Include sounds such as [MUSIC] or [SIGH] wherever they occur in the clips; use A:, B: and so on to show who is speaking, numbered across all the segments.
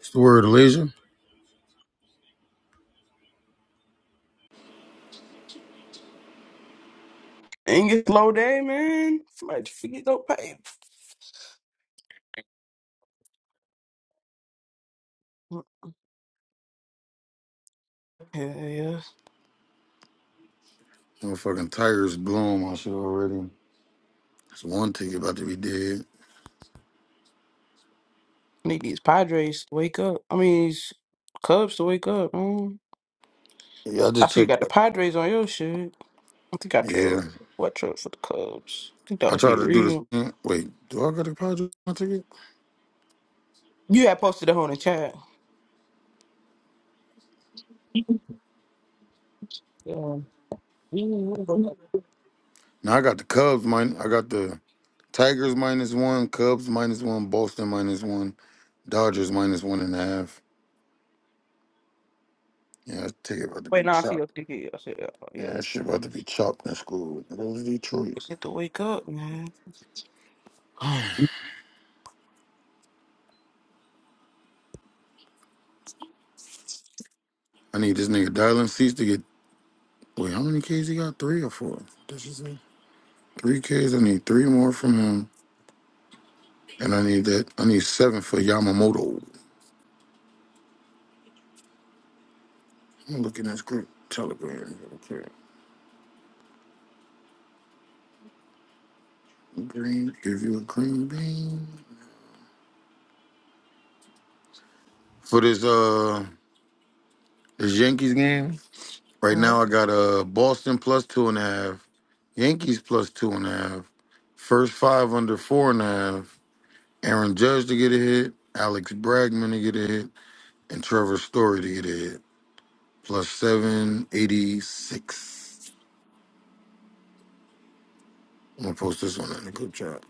A: It's the word leisure.
B: Ain't get slow day, man. Somebody just forget don't pay. Yeah, yeah.
A: Motherfucking tires blew on my shit already. It's one ticket about to be dead.
B: Need these Padres to wake up. I mean, these Cubs to wake up, man.
A: Yeah, I
B: I
A: just
B: see you
A: took.
B: got the Padres on your shit. I think I
A: Yeah,
B: trailed what trailed for the Cubs. I think that
A: I
B: was
A: tried
B: the
A: to do this.
B: real.
A: mm, Wait, do I got the Padres one ticket?
B: You had posted that on the chat. [LAUGHS] Yeah. Wait,
A: No, I got the Cubs. Mine. I got the Tigers minus one, Cubs minus one, Boston minus one, Dodgers minus one and a half. Yeah, that ticket about to be
B: now I see your
A: chopped.
B: ticket. I said, oh, yeah.
A: Yeah, that shit about to be chopped in school. That was Detroit.
B: It's need to wake up, man.
A: [SIGHS] I need this nigga dialing seats to get. Wait, how many Ks he got? Three or four? Did you say? Three Ks. I need three more from him. And I need that. I need seven for Yamamoto. I'm looking at this group telegram. Okay. Green, give you a green bean. For this uh this Yankees game, right
B: Yeah.
A: now I got uh Boston plus two and a half, Yankees plus two and a half, first five under four and a half, Aaron Judge to get a hit, Alex Bregman to get a hit, and Trevor Story to get a hit. Plus seven eighty six. I'm gonna post this one in the group chat.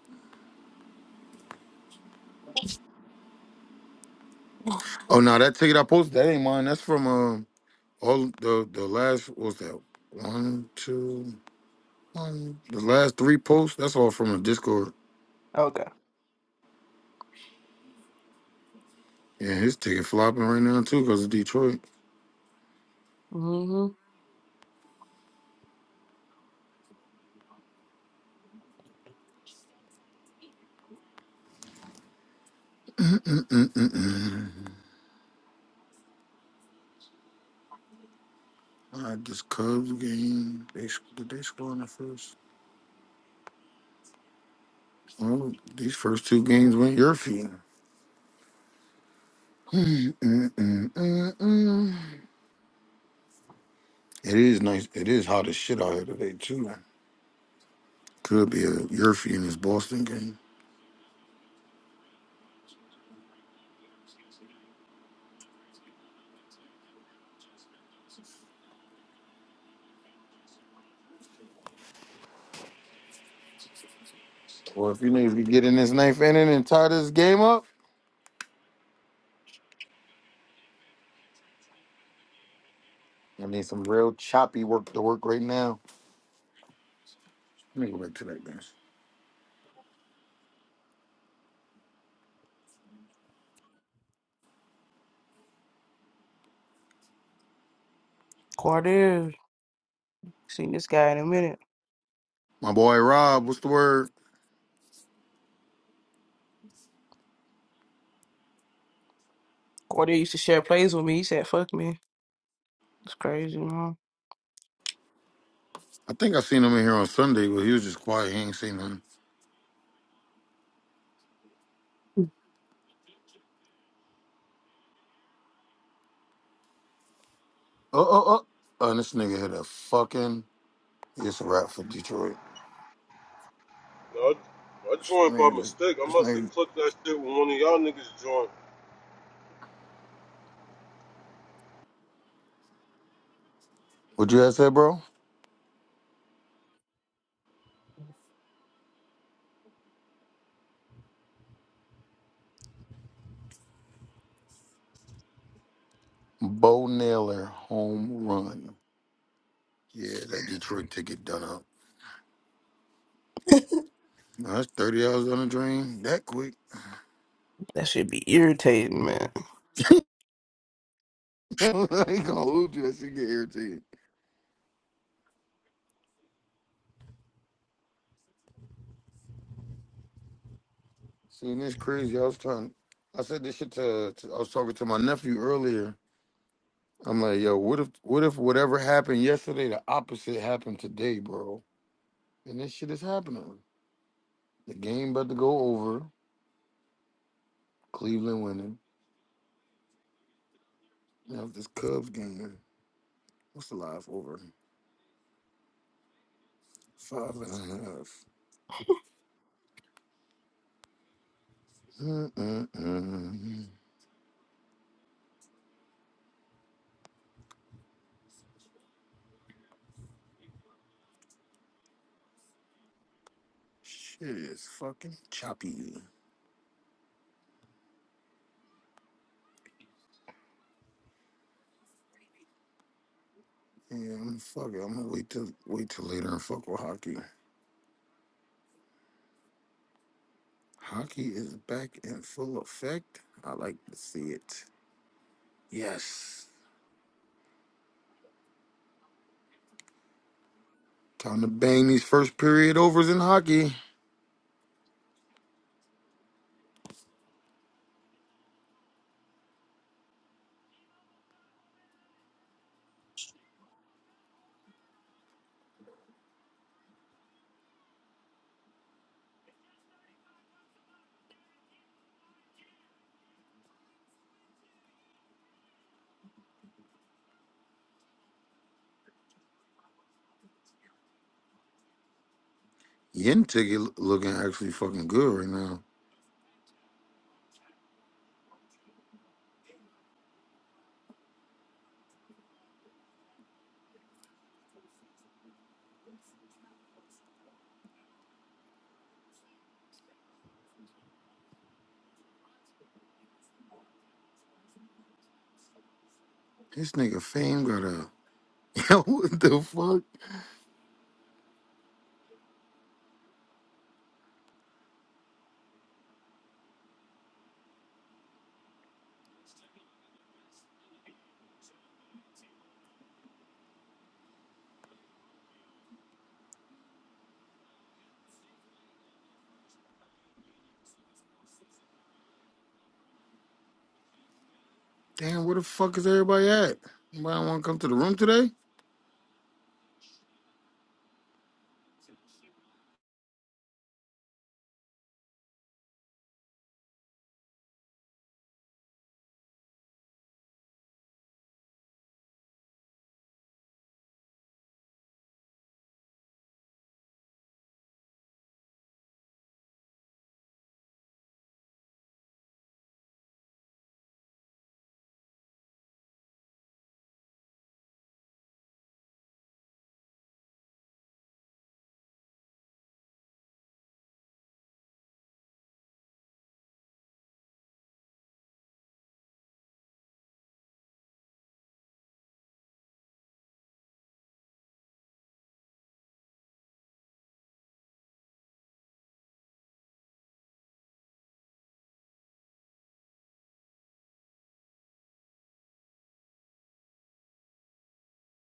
A: Oh no, that ticket I posted that ain't mine. That's from uh All the the last what was that one, two, one. The last three posts. That's all from the Discord.
B: Okay.
A: Yeah, his ticket flopping right now too because of Detroit.
B: Mm-hmm.
A: All right, this Cubs game. They s- did they score in the first? Well, these first two games went your feet. Mm, mm, mm, mm. It is nice. It is hot as shit out here today too. Could be a Yurfie in this Boston game. Well, if you niggas could get in this ninth inning and tie this game up, I need some real choppy work to work right now. Let me go back to that game.
B: Cordier. Seen this guy in a minute.
A: My boy Rob, what's the word?
B: Cordier used to share plays with me. He said, fuck me. It's crazy, man.
A: I think I seen him in here on Sunday, but he was just quiet. He ain't seen nothing. Oh, oh, oh. And this nigga hit a fucking. It's a rap for Detroit.
C: No, I I
A: This
C: joined by
A: nigga just.
C: mistake. I
A: This
C: must have
A: nigga.
C: clicked that shit when one of y'all niggas joined.
A: What you had said, bro? Bo Naylor home run. Yeah, that Detroit ticket done up. Now, that's thirty dollars on the drain that quick. [LAUGHS]
B: That should be irritating, man.
A: He gonna lose you. That shit get irritated. Seeing this crazy, I was trying. I said this shit to, to. I was talking to my nephew earlier I'm like, yo, what if what if whatever happened yesterday, the opposite happened today, bro? And this shit is happening. The game about to go over. Cleveland winning. Now this Cubs game. What's the live over? Five and a half. Mm-mm-mm. Shit is fucking choppy. Yeah, I'm fuck it. I'm gonna wait till wait till later and fuck with hockey. Hockey is back in full effect. I like to see it. Yes. Time to bang these first period overs in hockey. Yen ticket looking actually fucking good right now. This nigga fame got a [LAUGHS] yo. What the fuck? Damn, where the fuck is everybody at? Anybody want to come to the room today?